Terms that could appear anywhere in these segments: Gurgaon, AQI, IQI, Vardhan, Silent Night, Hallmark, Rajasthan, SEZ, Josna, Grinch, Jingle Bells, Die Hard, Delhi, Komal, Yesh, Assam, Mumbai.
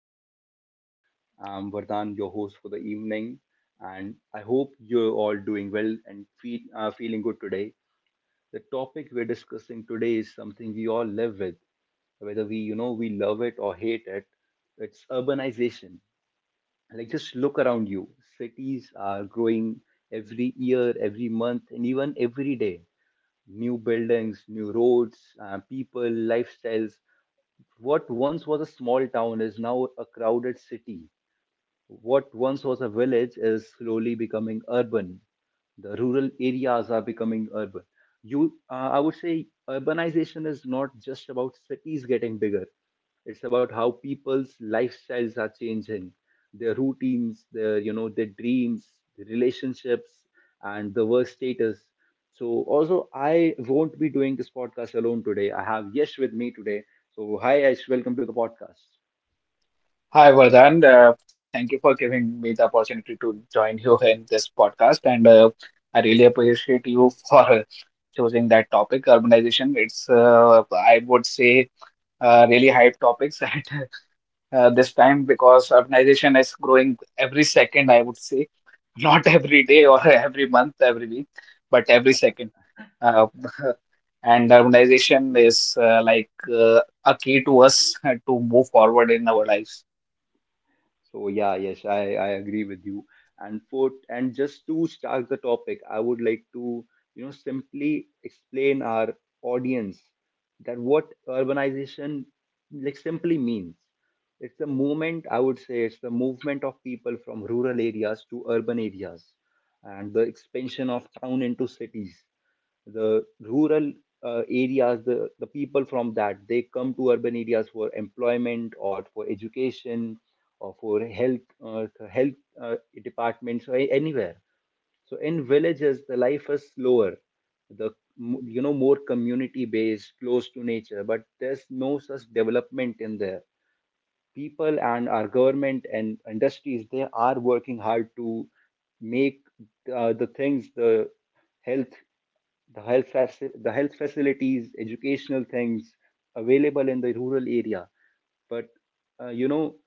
the podcast. I'm Vardhan, your host for the evening, and I hope you're all doing well and feeling good today. The topic we're discussing today is something we all live with, whether we love it or hate it. It's urbanization. Like, just look around you. Cities are growing every year, every month, and even every day. New buildings, new roads, people, lifestyles. What once was a small town is now a crowded city. What once was a village is slowly becoming urban. The rural areas are becoming urban. I would say, urbanization is not just about cities getting bigger. It's about how people's lifestyles are changing, their routines, their you know their dreams, their relationships, and the work status. So also, I won't be doing this podcast alone today. I have Yesh with me today. So hi Yesh, welcome to the podcast. Hi, Vardhan. Thank you for giving me the opportunity to join you in this podcast. And I really appreciate you for choosing that topic, urbanization. I would say, really hype topics at this time because urbanization is growing every second, I would say. Not every day or every month, every week, but every second. Uh, and urbanization is like a key to us to move forward in our lives. So yeah, yes, I agree with you. And for and just to start the topic, I would like to simply explain our audience that what urbanization like simply means. It's a movement, I would say it's the movement of people from rural areas to urban areas, and the expansion of town into cities. The rural areas, the people from that, they come to urban areas for employment or for education or for health uh, departments or anywhere. So in villages, the life is slower, the m- you know more community based, close to nature. But there's no such development in there. People and our government and industries, they are working hard to make the things, health the health facilities, educational things available in the rural area. But uh, you know,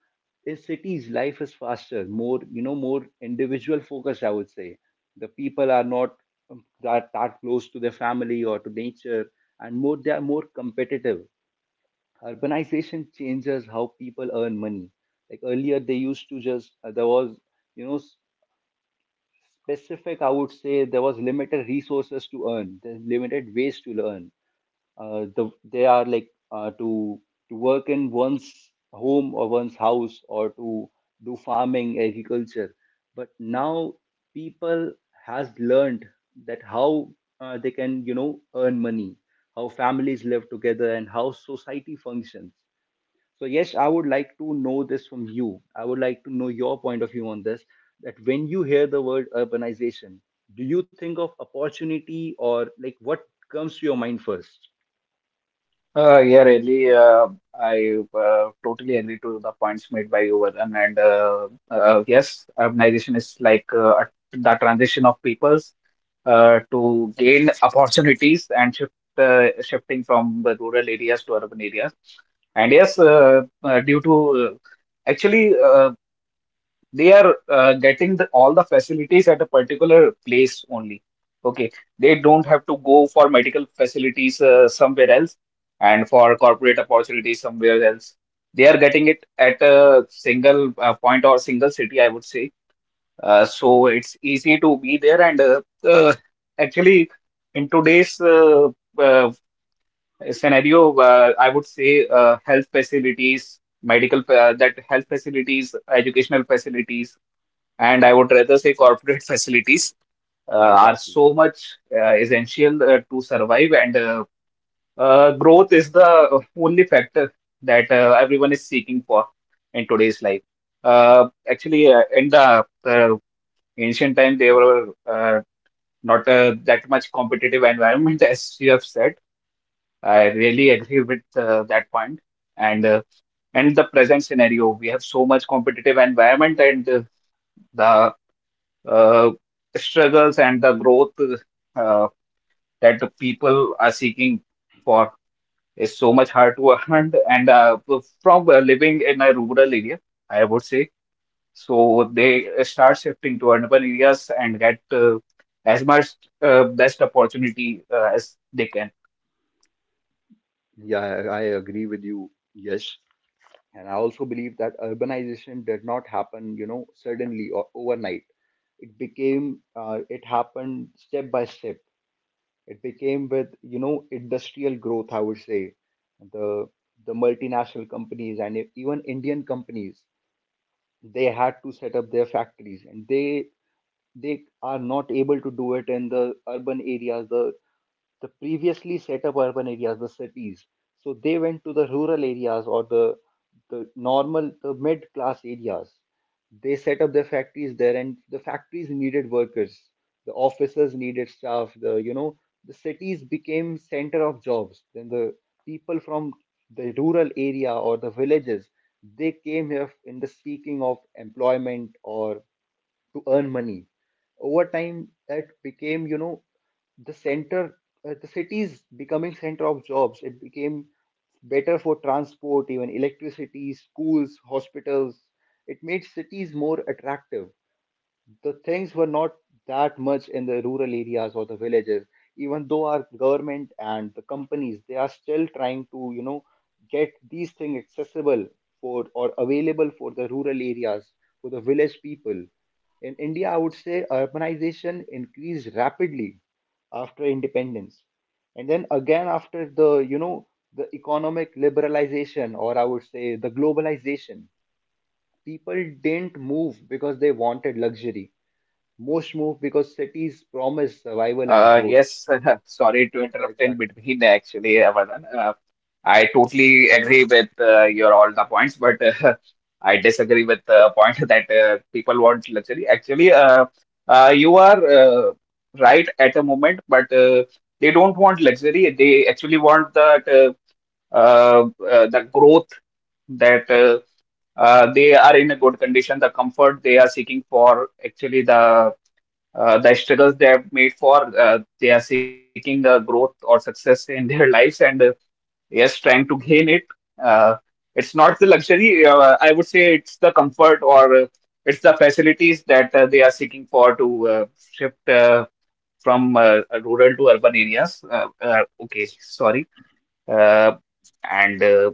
in cities, life is faster, more individual focused. I would say the people are not that close to their family or to nature, and more they are more competitive. Urbanization changes how people earn money. Like earlier, they used to just, there was you know s- specific. I would say there was limited resources to earn, there's limited ways to learn. The they are like To work in one's home or one's house, or to do farming, agriculture. But now people has learned that how they can earn money, how families live together, and how society functions. So yes, I would like to know this from you. I would like to know your point of view on this, that when you hear the word urbanization, do you think of opportunity, or like what comes to your mind first? Yeah, really. I totally agree to the points made by you, Vardhan. And yes, urbanization is like the transition of peoples to gain opportunities and shifting from the rural areas to urban areas. And yes, due to actually, They are getting all the facilities at a particular place only. Okay, they don't have to go for medical facilities somewhere else and for corporate opportunities somewhere else. They are getting it at a single point or single city, I would say. So it's easy to be there. Actually, in today's uh, scenario, I would say health facilities, medical, that health facilities, educational facilities, and I would rather say corporate facilities Yeah, are exactly. so much essential to survive, and growth is the only factor that everyone is seeking for in today's life. In the ancient time, they were not that much competitive environment, as you have said. I really agree with that point. And in the present scenario, we have so much competitive environment, and the uh, struggles and the growth uh, that the people are seeking for is so much hard to earn. And from living in a rural area, I would say, so they start shifting to urban areas and get as much best opportunity as they can. Yeah, I agree with you. Yes. And I also believe that urbanization did not happen suddenly or overnight. It happened step by step. It became with, you know, industrial growth, I would say. The the multinational companies and even Indian companies, they had to set up their factories, and they are not able to do it in the urban areas, the previously set up urban areas, the cities. So they went to the rural areas, or the normal, the mid class areas. They set up their factories there, and the factories needed workers. The offices needed staff. The you know the cities became center of jobs. Then the people from the rural area or the villages, they came here in the seeking of employment or to earn money. Over time, that became, you know, the center, the cities becoming center of jobs. It became better for transport, even electricity, schools, hospitals. It made cities more attractive. The things were not that much in the rural areas or the villages, even though our government and the companies, they are still trying to get these things accessible for, or available for, the rural areas, for the village people. In India, I would say urbanization increased rapidly after independence, and then again after the you know the economic liberalization, or I would say the globalization. People didn't move because they wanted luxury. Most move because cities promise Uh, survival yes, and growth. sorry to interrupt in Yeah, between, exactly. actually, Avadan. I totally agree with your all the points, but I disagree with the point that people want luxury. Actually, you are right at a moment, but they don't want luxury. They actually want that the growth, that they are in a good condition, the comfort they are seeking for. Actually, the struggles they have made for, they are seeking the growth or success in their lives, and yes, trying to gain it. Uh, it's not the luxury. I would say it's the comfort, or it's the facilities that they are seeking for to shift from rural to urban areas. Okay, sorry. Uh, and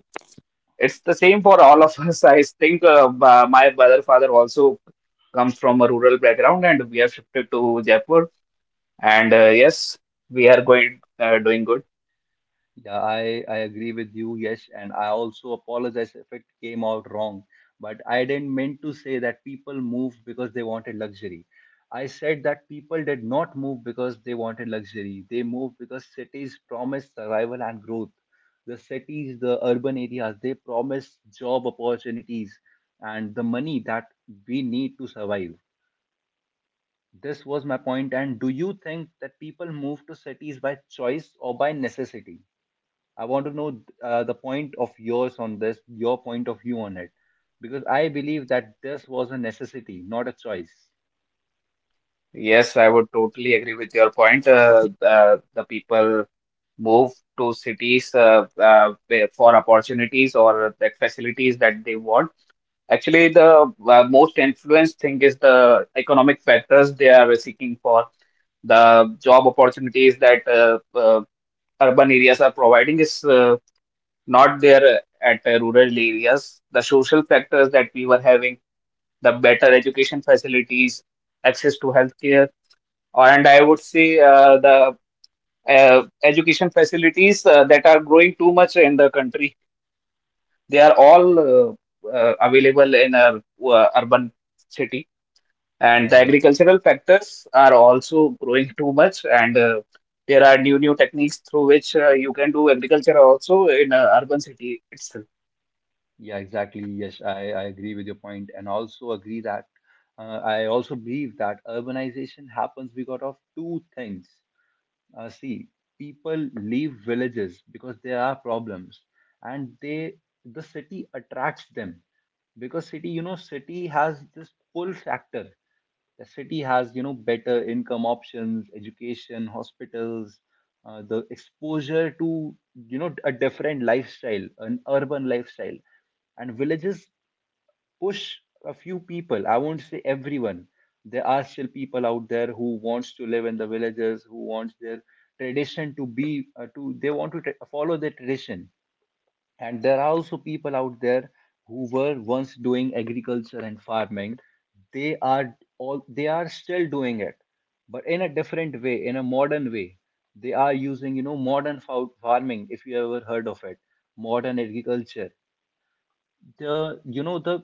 it's the same for all of us. I think my brother, father also comes from a rural background, and we have shifted to Jaipur. And yes, we are going doing good. Yeah, I agree with you, Yes, and I also apologize if it came out wrong. But I didn't mean to say that people moved because they wanted luxury. I said that people did not move because they wanted luxury. They moved because cities promise survival and growth. The cities, the urban areas, they promise job opportunities and the money that we need to survive. This was my point. And do you think that people move to cities by choice or by necessity? I want to know the point of yours on this, your point of view on it, because I believe that this was a necessity, not a choice. Yes, I would totally agree with your point. The people move to cities for opportunities or the facilities that they want. Actually, the most influenced thing is the economic factors they are seeking for. The job opportunities that urban areas are providing is not there at rural areas. The social factors that we were having, the better education facilities, access to healthcare, and I would say the education facilities that are growing too much in the country. They are all Right. Available in our urban city, Yeah, and the exactly. agricultural factors are also growing too much. And there are new techniques through which you can do agriculture also in a urban city itself. Yeah, exactly. Yes, I agree with your point, and also agree that, I also believe that urbanization happens because of two things. See, people leave villages because there are problems, and the city attracts them, because city you know city has this pull factor. The city has, you know, better income options, education, hospitals, the exposure to a different lifestyle, an urban lifestyle. And villages push a few people, I won't say everyone. There are still people out there who wants to live in the villages, who wants their tradition to be to they want to tra- follow their tradition. And there are also people out there who were once doing agriculture and farming. They are still doing it, but in a different way, in a modern way. They are using, you know, modern farming, if you ever heard of it, modern agriculture. The you know the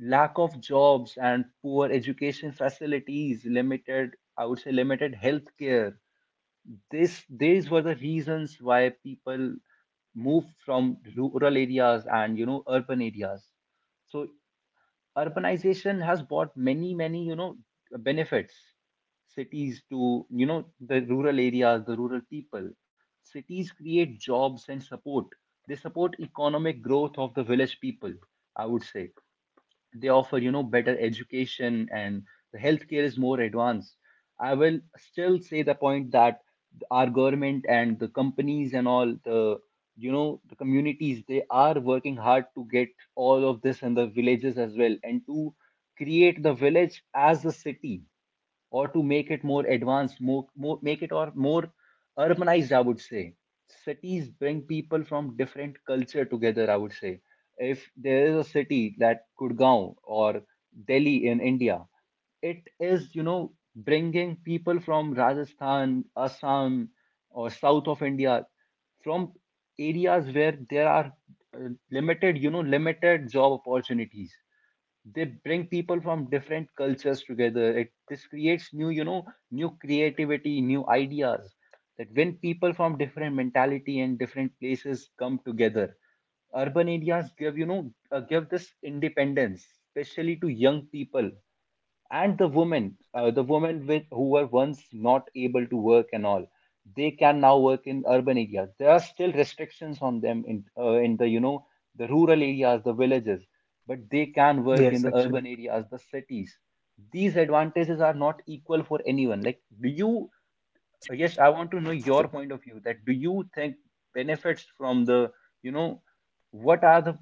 lack of jobs and poor education facilities, limited, I would say limited healthcare. This these were the reasons why people move from rural areas and urban areas. So urbanization has brought many, many, benefits. Cities to, you know, the rural areas, the rural people, cities create jobs and support. They support economic growth of the village people, I would say. They offer, better education, and the healthcare is more advanced. I will still say the point that our government and the companies and all the you know the communities, they are working hard to get all of this in the villages as well, and to create the village as a city, or to make it more advanced, more, make it or more urbanized, I would say. Cities bring people from different culture together, I would say. If there is a city that Gurgaon or Delhi in India, it is, you know, bringing people from Rajasthan, Assam, or south of India, from areas where there are limited job opportunities. They bring people from different cultures together. It this creates new, new creativity, new ideas, that when people from different mentality and different places come together, urban areas give, you know, give this independence, especially to young people and the women. With who were once not able to work and all, they can now work in urban areas. There are still restrictions on them in the you know the rural areas, the villages, but they can work in Yes, the actually. urban areas, the cities. These advantages are not equal for anyone. Like do you Yes, I want to know your point of view, that do you think, benefits from the, you know what are the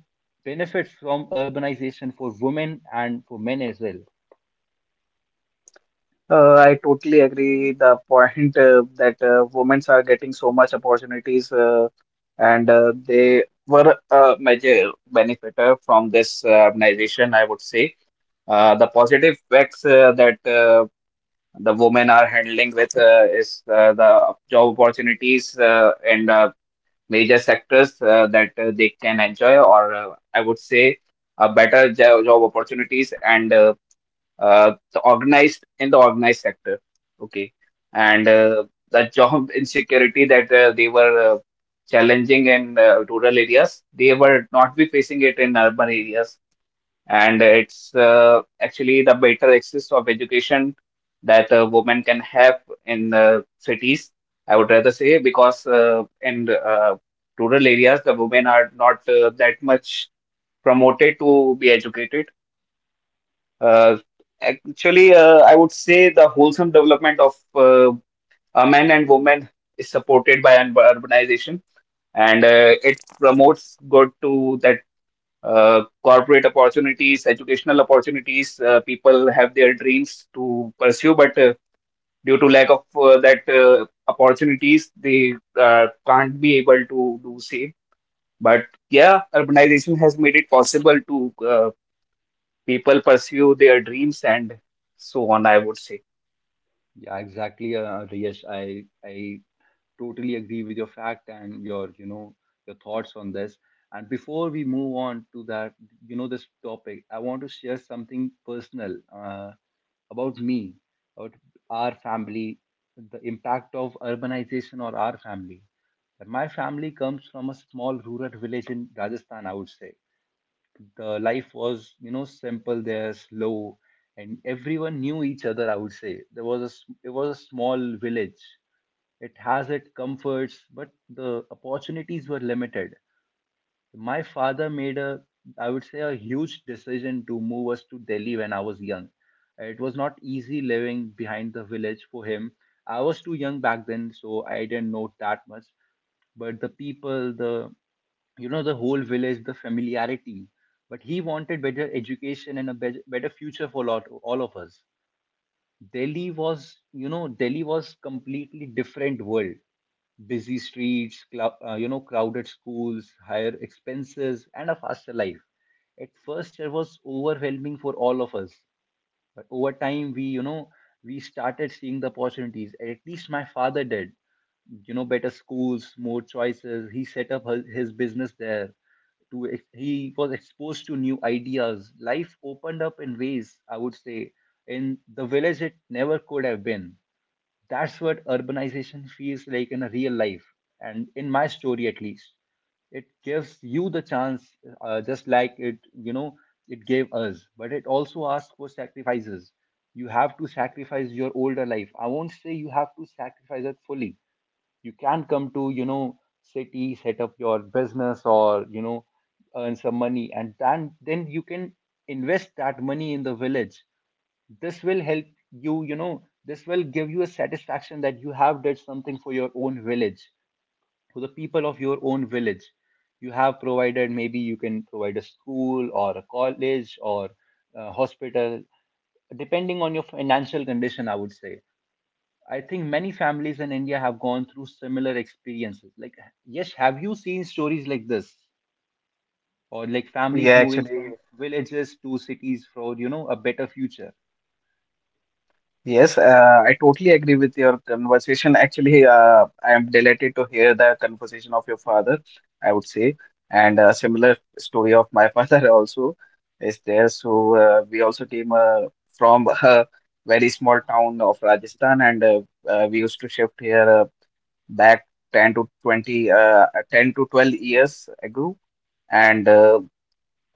benefits from urbanization for women and for men as well? I totally agree the point that women are getting so much opportunities, and they were a major benefitor from this organization, I would say. The positive effects that the women are handling with is the job opportunities in major sectors that they can enjoy, or I would say better job opportunities, and the organized in the organized sector. Okay, and the job insecurity that they were challenging in rural areas, they were not be facing it in urban areas. And it's actually the better access of education that a woman can have in cities. I would rather say, because in rural areas, the women are not that much promoted to be educated. uh, I would say the wholesome development of men and women is supported by urbanization, and it promotes good to that corporate opportunities, educational opportunities. People have their dreams to pursue, but due to lack of that opportunities, they can't be able to do same. But yeah, urbanization has made it possible to people pursue their dreams and so on, I would say. Yeah, exactly. Yes, I totally agree with your fact and your you know your thoughts on this. And before we move on to that, this topic, I want to share something personal, about me, about our family, the impact of urbanization or our family. That My family comes from a small rural village in Rajasthan, I would say. The life was, simple there, slow, and everyone knew each other. I would say there was a s- it was a small village. It has its comforts, but the opportunities were limited. My father made a I would say a huge decision to move us to Delhi when I was young. It was not easy living behind the village for him. I was too young back then, so I didn't know that much, but the people, the you know the whole village, the familiarity. But he wanted better education and a better future for lot all of us. Delhi was completely different world. Busy streets, crowded schools, higher expenses, and a faster life. At first it was overwhelming for all of us, but over time, we started seeing the opportunities. At least my father did. Better schools, more choices. He set up his business there. He was exposed to new ideas. Life opened up in ways, I would say, in the village it never could have been. That's what urbanization feels like in a real life, and in my story at least. It gives you the chance, just like it gave us, but it also asks for sacrifices. You have to sacrifice your older life. I won't say you have to sacrifice it fully. You can come to city, set up your business or earn some money, and then you can invest that money in the village. This will help you you know this will give you a satisfaction that you have did something for your own village, for the people of your own village. You have provided, maybe you can provide a school or a college or a hospital, depending on your financial condition, I would say. I think many families in India have gone through similar experiences, like, yes. Have you seen stories like this, or like families Yeah, moving actually, from villages to cities for a better future? yes, I totally agree with your conversation. Actually, I am delighted to hear the conversation of your father, I would say, and a similar story of my father also is there. So we also came from a very small town of Rajasthan, and we used to shift here back 10 to 12 years ago. And uh,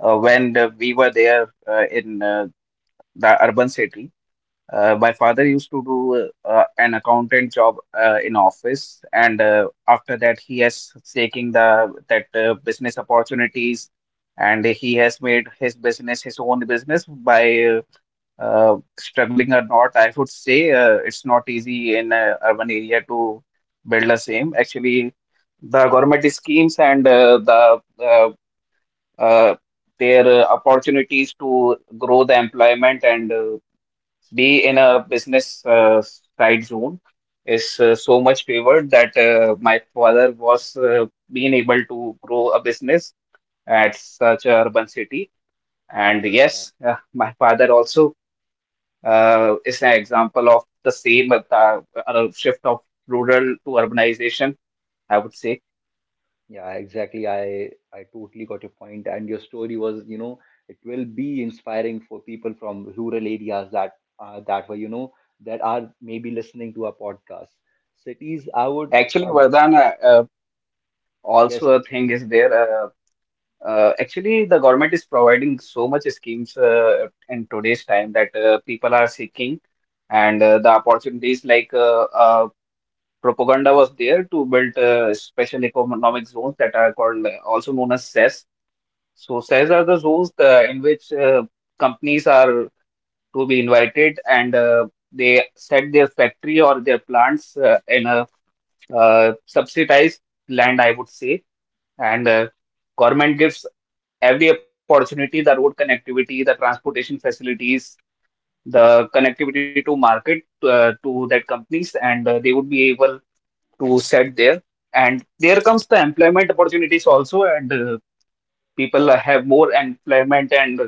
we were there in the urban city. My father used to do an accountant job in office, and after that, he has taking the that business opportunities, and he has made his business, his own business, by struggling or not. I would say it's not easy in urban area to build the same. Actually, the government schemes and uh, the uh, uh, their uh, opportunities to grow the employment and be in a business side zone is so much favored that my father was being able to grow a business at such a urban city. And yes, my father also is an example of the same shift of rural to urbanization, I would say. Yeah, exactly. I totally got your point, and your story was, it will be inspiring for people from rural areas that that were, you know, that are maybe listening to our podcast. Cities, I would, Actually, uh, Vardhan, uh, uh, yes, also a yes, thing is there. Actually, the government is providing so much schemes in today's time that people are seeking, and the opportunities like propaganda was there to build special economic zones that are called, also known as, SEZ. So SEZ okay, are the zones in which companies are to be invited, and they set their factory or their plants in a subsidized land, I would say, and government gives every opportunity, the road connectivity, the transportation facilities, the connectivity to market, to that companies, and they would be able to set there, and there comes the employment opportunities also, and people have more employment. And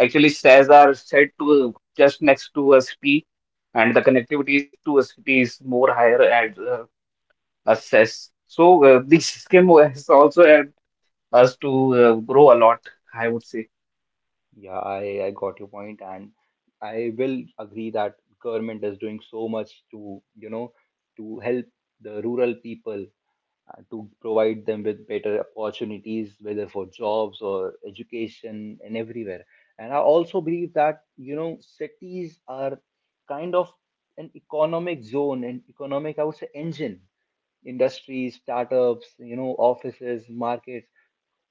actually shares are set to just next to a city, and the connectivity to a city is more higher at assess. So this scheme has also us to grow a lot, I would say. yeah, I got your point, and I will agree that government is doing so much to help the rural people, to provide them with better opportunities, whether for jobs or education and everywhere. And I also believe that, cities are kind of an economic zone and economic, I would say, engine. Industries, startups, offices, markets,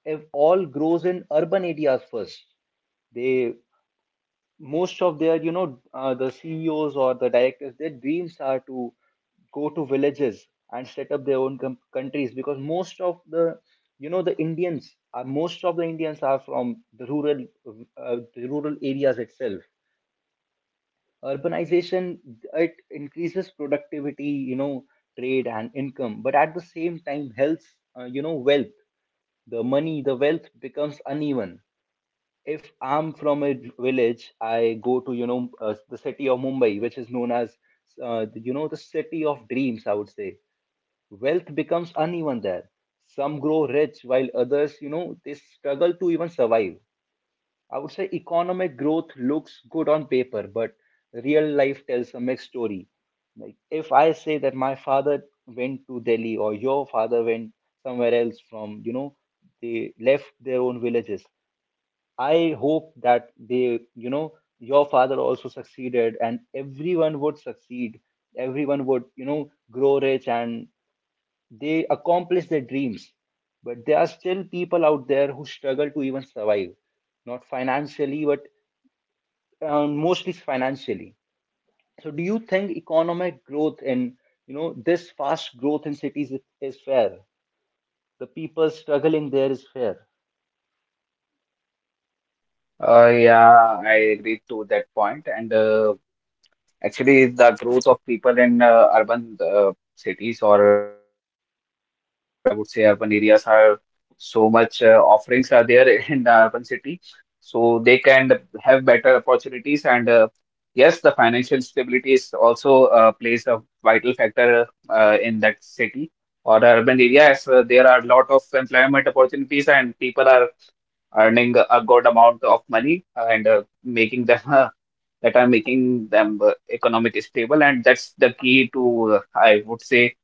have all grows in urban areas first. They, most of their you know the CEOs or the directors, their dreams are to go to villages and set up their own countries, because most of the you know the Indians are, most of the Indians are from the rural, the rural areas itself. Urbanization, it increases productivity, you know trade and income, but at the same time health, wealth, the money, the wealth becomes uneven. If I'm from a village, I go to, the city of Mumbai, which is known as, the city of dreams, I would say. Wealth becomes uneven there. Some grow rich while others, they struggle to even survive. I would say economic growth looks good on paper, but real life tells a mixed story. Like if I say that my father went to Delhi, or your father went somewhere else from, they left their own villages. I hope that they, your father also succeeded, and everyone would succeed. Everyone would, grow rich and they accomplish their dreams. But there are still people out there who struggle to even survive, not financially, but mostly financially. So do you think economic growth in, this fast growth in cities is, fair? The people struggling there is fair. Yeah, I agree to that point. And actually, the growth of people in urban cities, or I would say urban areas, are so much offerings are there in the urban city. So they can have better opportunities. And yes, the financial stability is also plays a vital factor in that city or urban areas. There are a lot of employment opportunities, and people are earning a good amount of money, and making them that are making them economically stable, and that's the key to, I would say,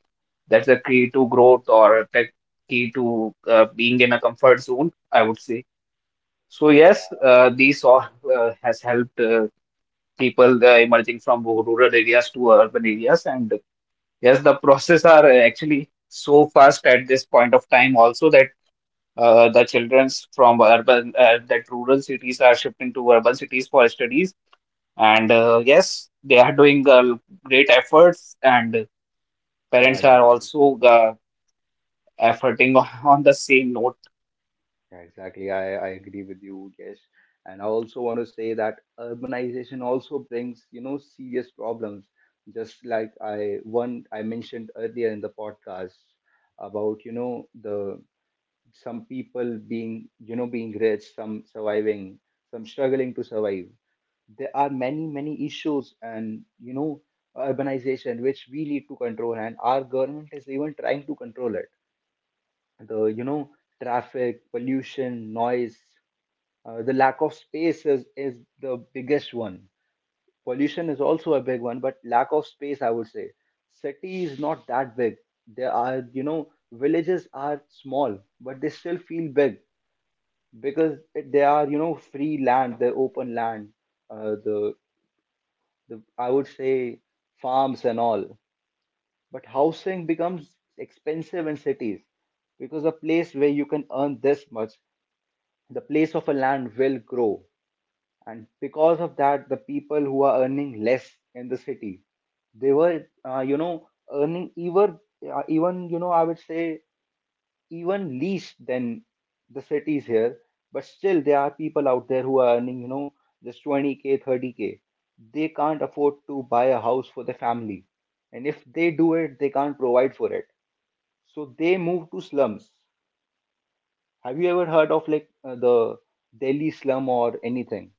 that's the key to growth, or the key to being in a comfort zone, I would say. So yes, these all has helped people emerging from rural areas to urban areas, and yes, the process are actually so fast at this point of time also that the childrens from urban that rural cities are shifting to urban cities for studies, and yes, they are doing great efforts, and Yeah, parents are exactly. also efforting on the same note. Yeah, exactly. I agree with you. Yes, and I also want to say that urbanization also brings, serious problems. Just like I one I mentioned earlier in the podcast about, the some people being rich, some surviving, some struggling to survive. There are many, many issues, and, urbanization, which we need to control, and our government is even trying to control it. The traffic, pollution, noise, the lack of space is the biggest one. Pollution is also a big one, but lack of space, I would say. City is not that big. There are, you know, villages are small, but they still feel big because they are, free land, they're open land. Uh, the, the, I would say, farms and all. But housing becomes expensive in cities because a place where you can earn this much, the place of a land will grow, and because of that the people who are earning less in the city, they were earning even, I would say, even least than the cities here. But still there are people out there who are earning just 20K 30K. They can't afford to buy a house for their family, and if they do it they can't provide for it. So they move to slums. Have you ever heard of, like, the Delhi slum or anything?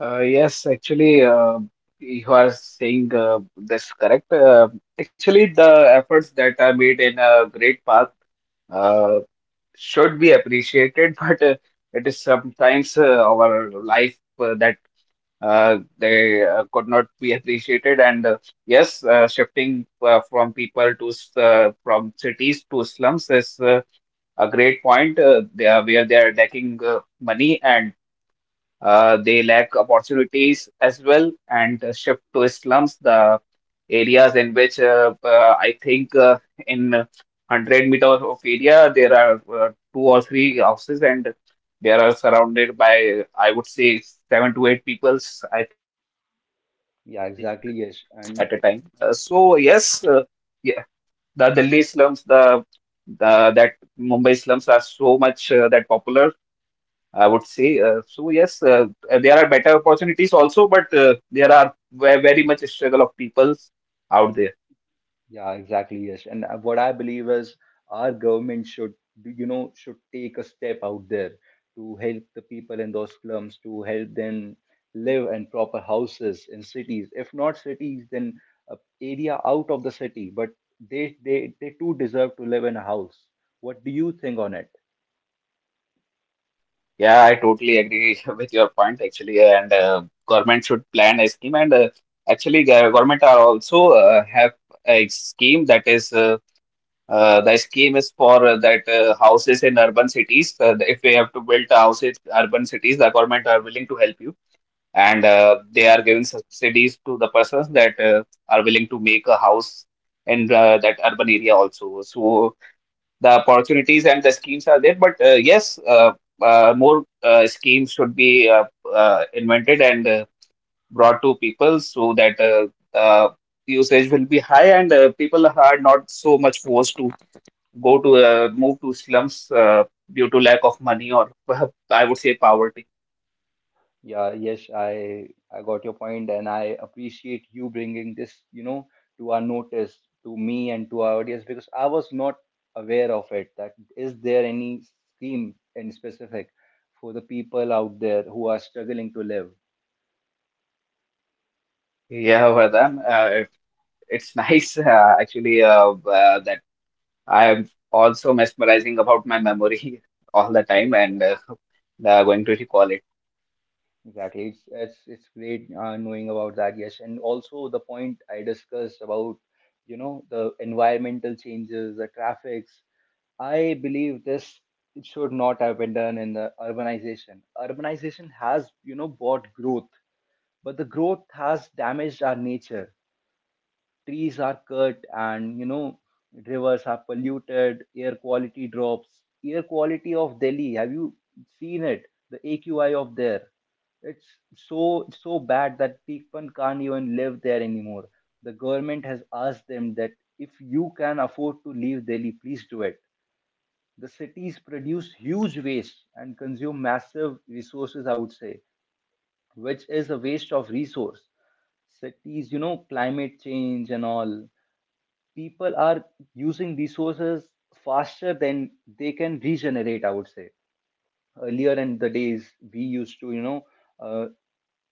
Yes, actually, you are saying this correct. Actually, the efforts that are made in a great park uh, should be appreciated, but it is sometimes our life that they could not be appreciated. And yes, shifting from cities to slums is a great point. They are, where they are lacking money, and they lack opportunities as well. And shift to slums, the areas in which I think in 100 meter of area there are two or three houses, and they are surrounded by, I would say, seven to eight peoples, I think, at a time. Yeah, Uh, exactly. so Yes, and. yes, yeah, the Delhi slums, the that Mumbai slums are so much that popular, I would say, so. Yes, there are better opportunities also, but there are very much a struggle of peoples out there. Yeah, exactly. Yes, and what I believe is our government should, take a step out there to help the people in those slums, to help them live in proper houses in cities. If not cities, then uh, area out of the city. But they too deserve to live in a house. What do you think on it? Yeah, I totally agree with your point, actually, and government should plan a scheme. And actually, government are also have a scheme that is. The scheme is for that houses in urban cities. If you have to build houses in urban cities, the government are willing to help you, and they are giving subsidies to the persons that are willing to make a house in that urban area also. So the opportunities and the schemes are there, but yes, more schemes should be invented and brought to people, so that uh, usage will be high and people are not so much forced to go to move to slums due to lack of money or I would say poverty. Yeah, yes, I got your point, and I appreciate you bringing this, to our notice, to me and to our audience, because I was not aware of it. That, is there any scheme in specific for the people out there who are struggling to live? Yeah, Vardhan, it's nice, actually, that I am also mesmerizing about my memory all the Yeah, time, and exactly. Going to recall it. Exactly. It's great, knowing about that. Yes, and also the point I discussed about, the environmental changes, the traffics, I believe this it should not have been done in the urbanization. Urbanization has, brought growth, but the growth has damaged our nature. Trees are cut, and, rivers are polluted, air quality drops. Air quality of Delhi, have you seen it? The AQI of there. It's so so bad that people can't even live there anymore. The government has asked them that if you can afford to leave Delhi, please do it. The cities produce huge waste and consume massive resources, I would say, which is a waste of resource. Cities, climate change and all, people are using resources faster than they can regenerate, I would say. Earlier in the days we used to, uh,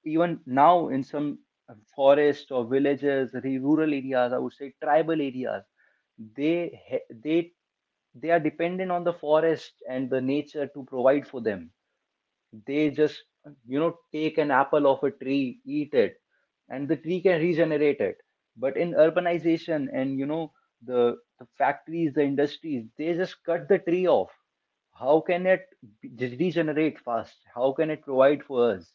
even now, in some forest or villages, rural areas, I would say, tribal areas, they he- they they are dependent on the forest and the nature to provide for them. They just, take an apple off a tree, eat it, and the tree can regenerate it. But in urbanization and, the, factories, the industries, they just cut the tree off. How can it be- regenerate fast? How can it provide for us?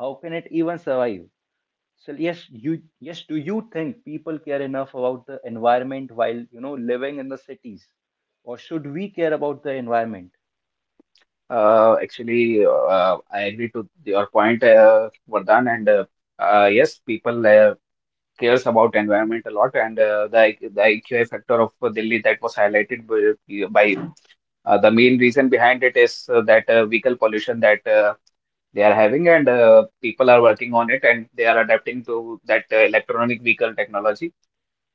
How can it even survive? So yes, you yes, do you think people care enough about the environment while living in the cities? Or should we care about the environment? Actually, I agree to your point, Vardhan. And yes, people cares about environment a lot, and the IQI factor of Delhi that was highlighted by. The main reason behind it is that vehicle pollution that they are having, and people are working on it, and they are adapting to that electronic vehicle technology,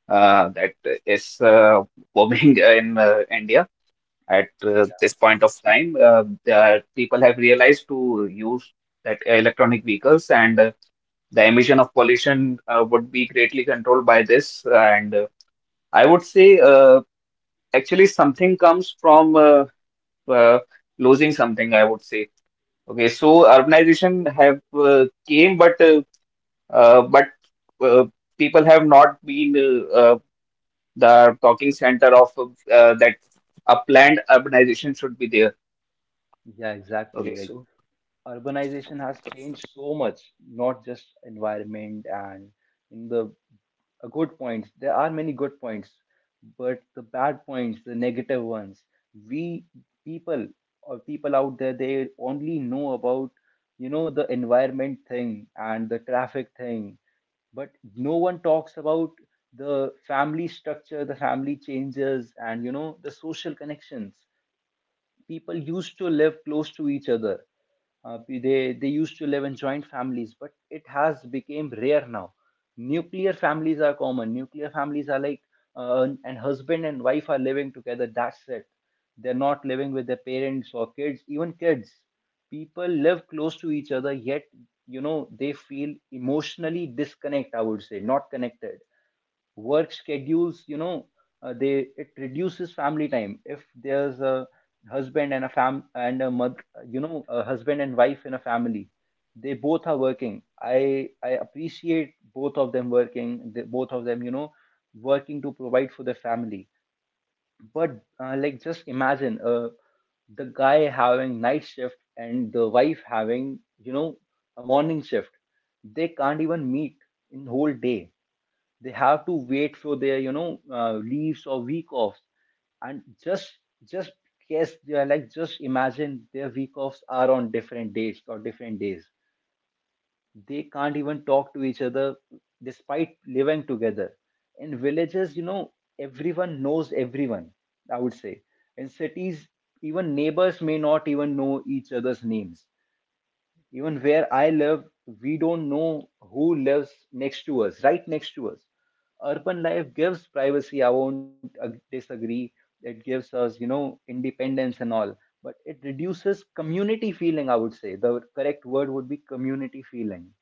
that is booming in India at Yeah, this point of time. The people have realized to use that electronic vehicles, and the emission of pollution would be greatly controlled by this. And I would say, actually, something comes from, uh, losing something, I would say. Okay, so urbanization have came, but but uh, people have not been the talking center of that a planned urbanization should be there. yeah, exactly. Okay, Like, so urbanization has changed so much, not just environment and in the, good points. There are many good points, but the bad points, the negative ones, we people, or people out there, they only know about, the environment thing and the traffic thing, but no one talks about the family structure, the family changes, and the social connections. People used to live close to each other, they used to live in joint families, but it has become rare now. Nuclear families are common. Nuclear families are like, and husband and wife are living together, that's it. They're not living with their parents or kids, even kids. People live close to each other, yet, you know they feel emotionally disconnect, I would say, not connected. Work schedules, you know they it reduces family time. If there's a husband and a fam and a mother, a husband and wife in a family, they both are working. I appreciate both of them working, the, both of them working to provide for their family. But, like just imagine, the guy having night shift and the wife having a morning shift, they can't even meet in whole day. They have to wait for their leaves or week offs. And just guess they are, like, just imagine their week offs are on different dates or different days. They can't even talk to each other despite living together. In villages, everyone knows everyone, I would say. In cities, even neighbors may not even know each other's names. Even where I live, we don't know who lives next to us, right next to us. Urban life gives privacy. I won't disagree. It gives us, independence and all, but it reduces community feeling. I would say the correct word would be community feeling.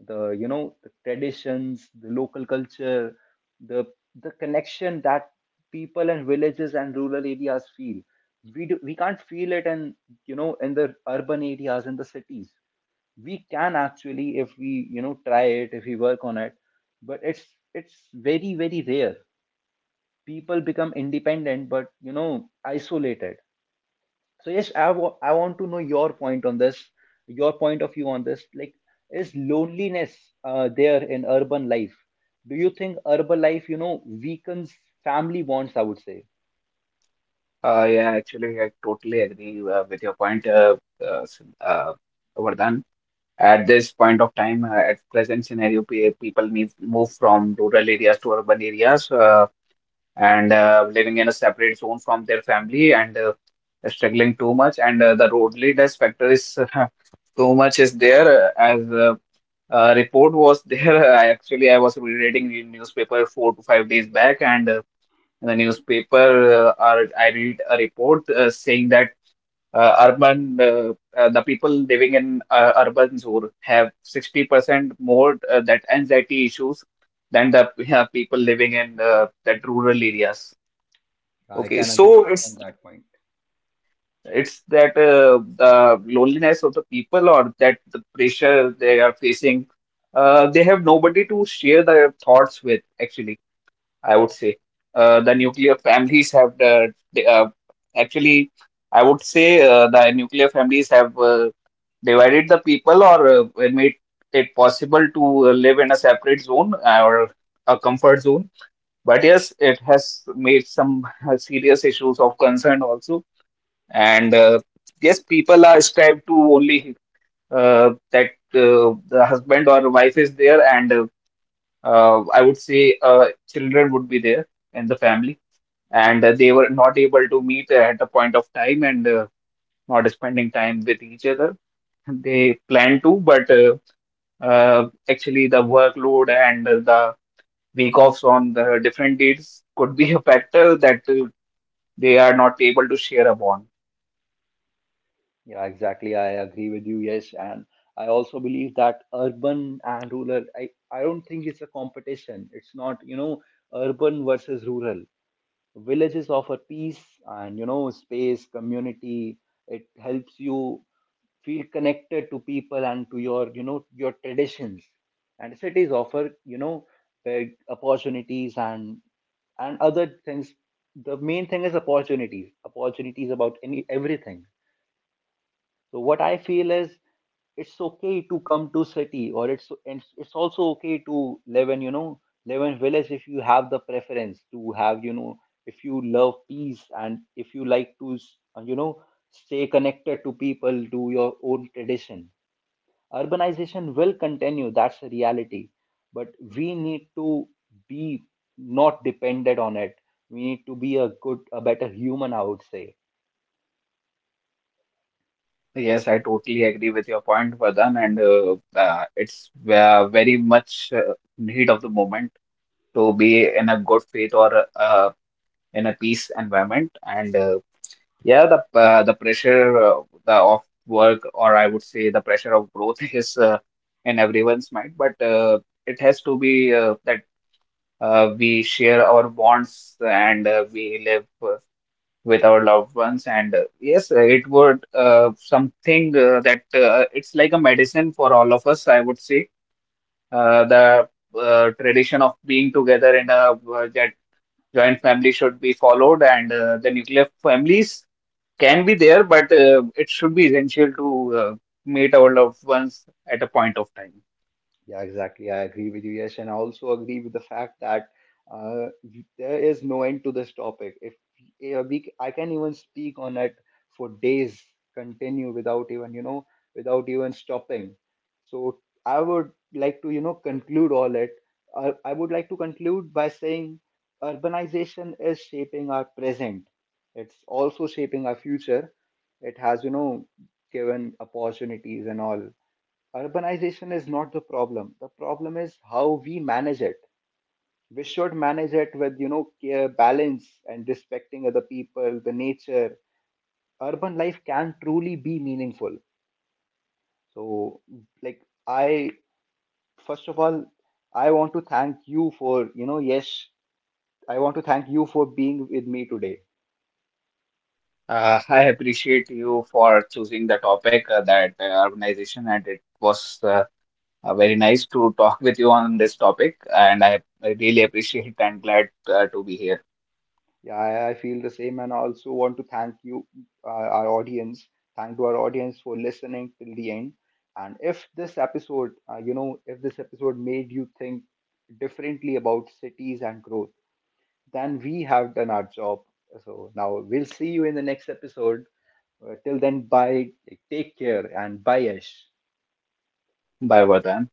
The traditions, the local culture, the the connection that people and villages and rural areas feel, we do, we can't feel it in you know in the urban areas and the cities. We can, actually, if we try it, if we work on it. But it's very very rare. People become independent but, isolated. So yes, I want to know your point on this, your point of view on this, like, is loneliness, there in urban life? Do you think urban life weakens family bonds, I would say? Yeah, actually, I totally agree with your point, uh, s- uh, Vardhan. At this point of time, at present scenario, people move from rural areas to urban areas. And Living in a separate zone from their family, and struggling too much. And the loneliness factor is too much is there, as report was there. I actually I was reading the newspaper 4 to 5 days back, and in the newspaper I read a report saying that urban the people living in urban zone have 60% more that anxiety issues than the people living in that rural areas. I Okay, can so agree it's on that point. it's that the loneliness of the people or that the pressure they are facing, they have nobody to share their thoughts with, actually, I would say. The nuclear families have actually, I would say the nuclear families have divided the people, or made it possible to live in a separate zone or a comfort zone. But yes, it has made some serious issues of concern also, and yes, people are strive to only that the husband or wife is there, and I would say children would be there in the family, and they were not able to meet at a point of time, and not spending time with each other. They plan to, but actually the workload and the week offs on the different dates could be a factor that they are not able to share a bond. Yeah, exactly. I agree with you. Yes, and I also believe that urban and rural, I don't think it's a competition. It's not, urban versus rural. Villages offer peace and space, community. It helps you feel connected to people and to your you know your traditions. And cities offer big opportunities and other things. The main thing is opportunities. Opportunities about any everything. So what I feel is it's okay to come to city, or it's, and it's also okay to live in village, if you have the preference to have, if you love peace and if you like to stay connected to people, to your own tradition. Urbanization will continue, that's the reality, but we need to be not dependent on it. We need to be a better human, I would say. Yes, I totally agree with your point, Vardhan, and it's very much need of the moment to be in a good faith, or in a peace environment. And yeah, the pressure, of work, or I would say the pressure of growth, is in everyone's mind. But it has to be that we share our bonds, and we live with our loved ones. And yes, it would something that it's like a medicine for all of us, I would say. The tradition of being together in a that joint family should be followed, and the nuclear families can be there, but it should be essential to meet our loved ones at a point of time. Yeah, exactly. I agree with you. Yes, and I also agree with the fact that, uh, there is no end to this topic. If I can even speak on it for days, continue without even stopping. So I would like to conclude all it. I would like to conclude by saying urbanization is shaping our present. It's also shaping our future. It has given opportunities and all. Urbanization is not the problem. The problem is how we manage it. We should manage it with, care, balance, and respecting other people, the nature. Urban life can truly be meaningful. So, like, I first of all, I want to thank you for, yes, I want to thank you for being with me today. I appreciate you for choosing the topic, that organization, and it was, very nice to talk with you on this topic, and I really appreciate and glad to be here. Yeah, I feel the same, and also want to thank you, our audience. Thank to our audience for listening till the end. And if this episode, you know, if this episode made you think differently about cities and growth, then we have done our job. So now we'll see you in the next episode. Till then, bye. Take care and bye, Yash. Bye, Vardhan.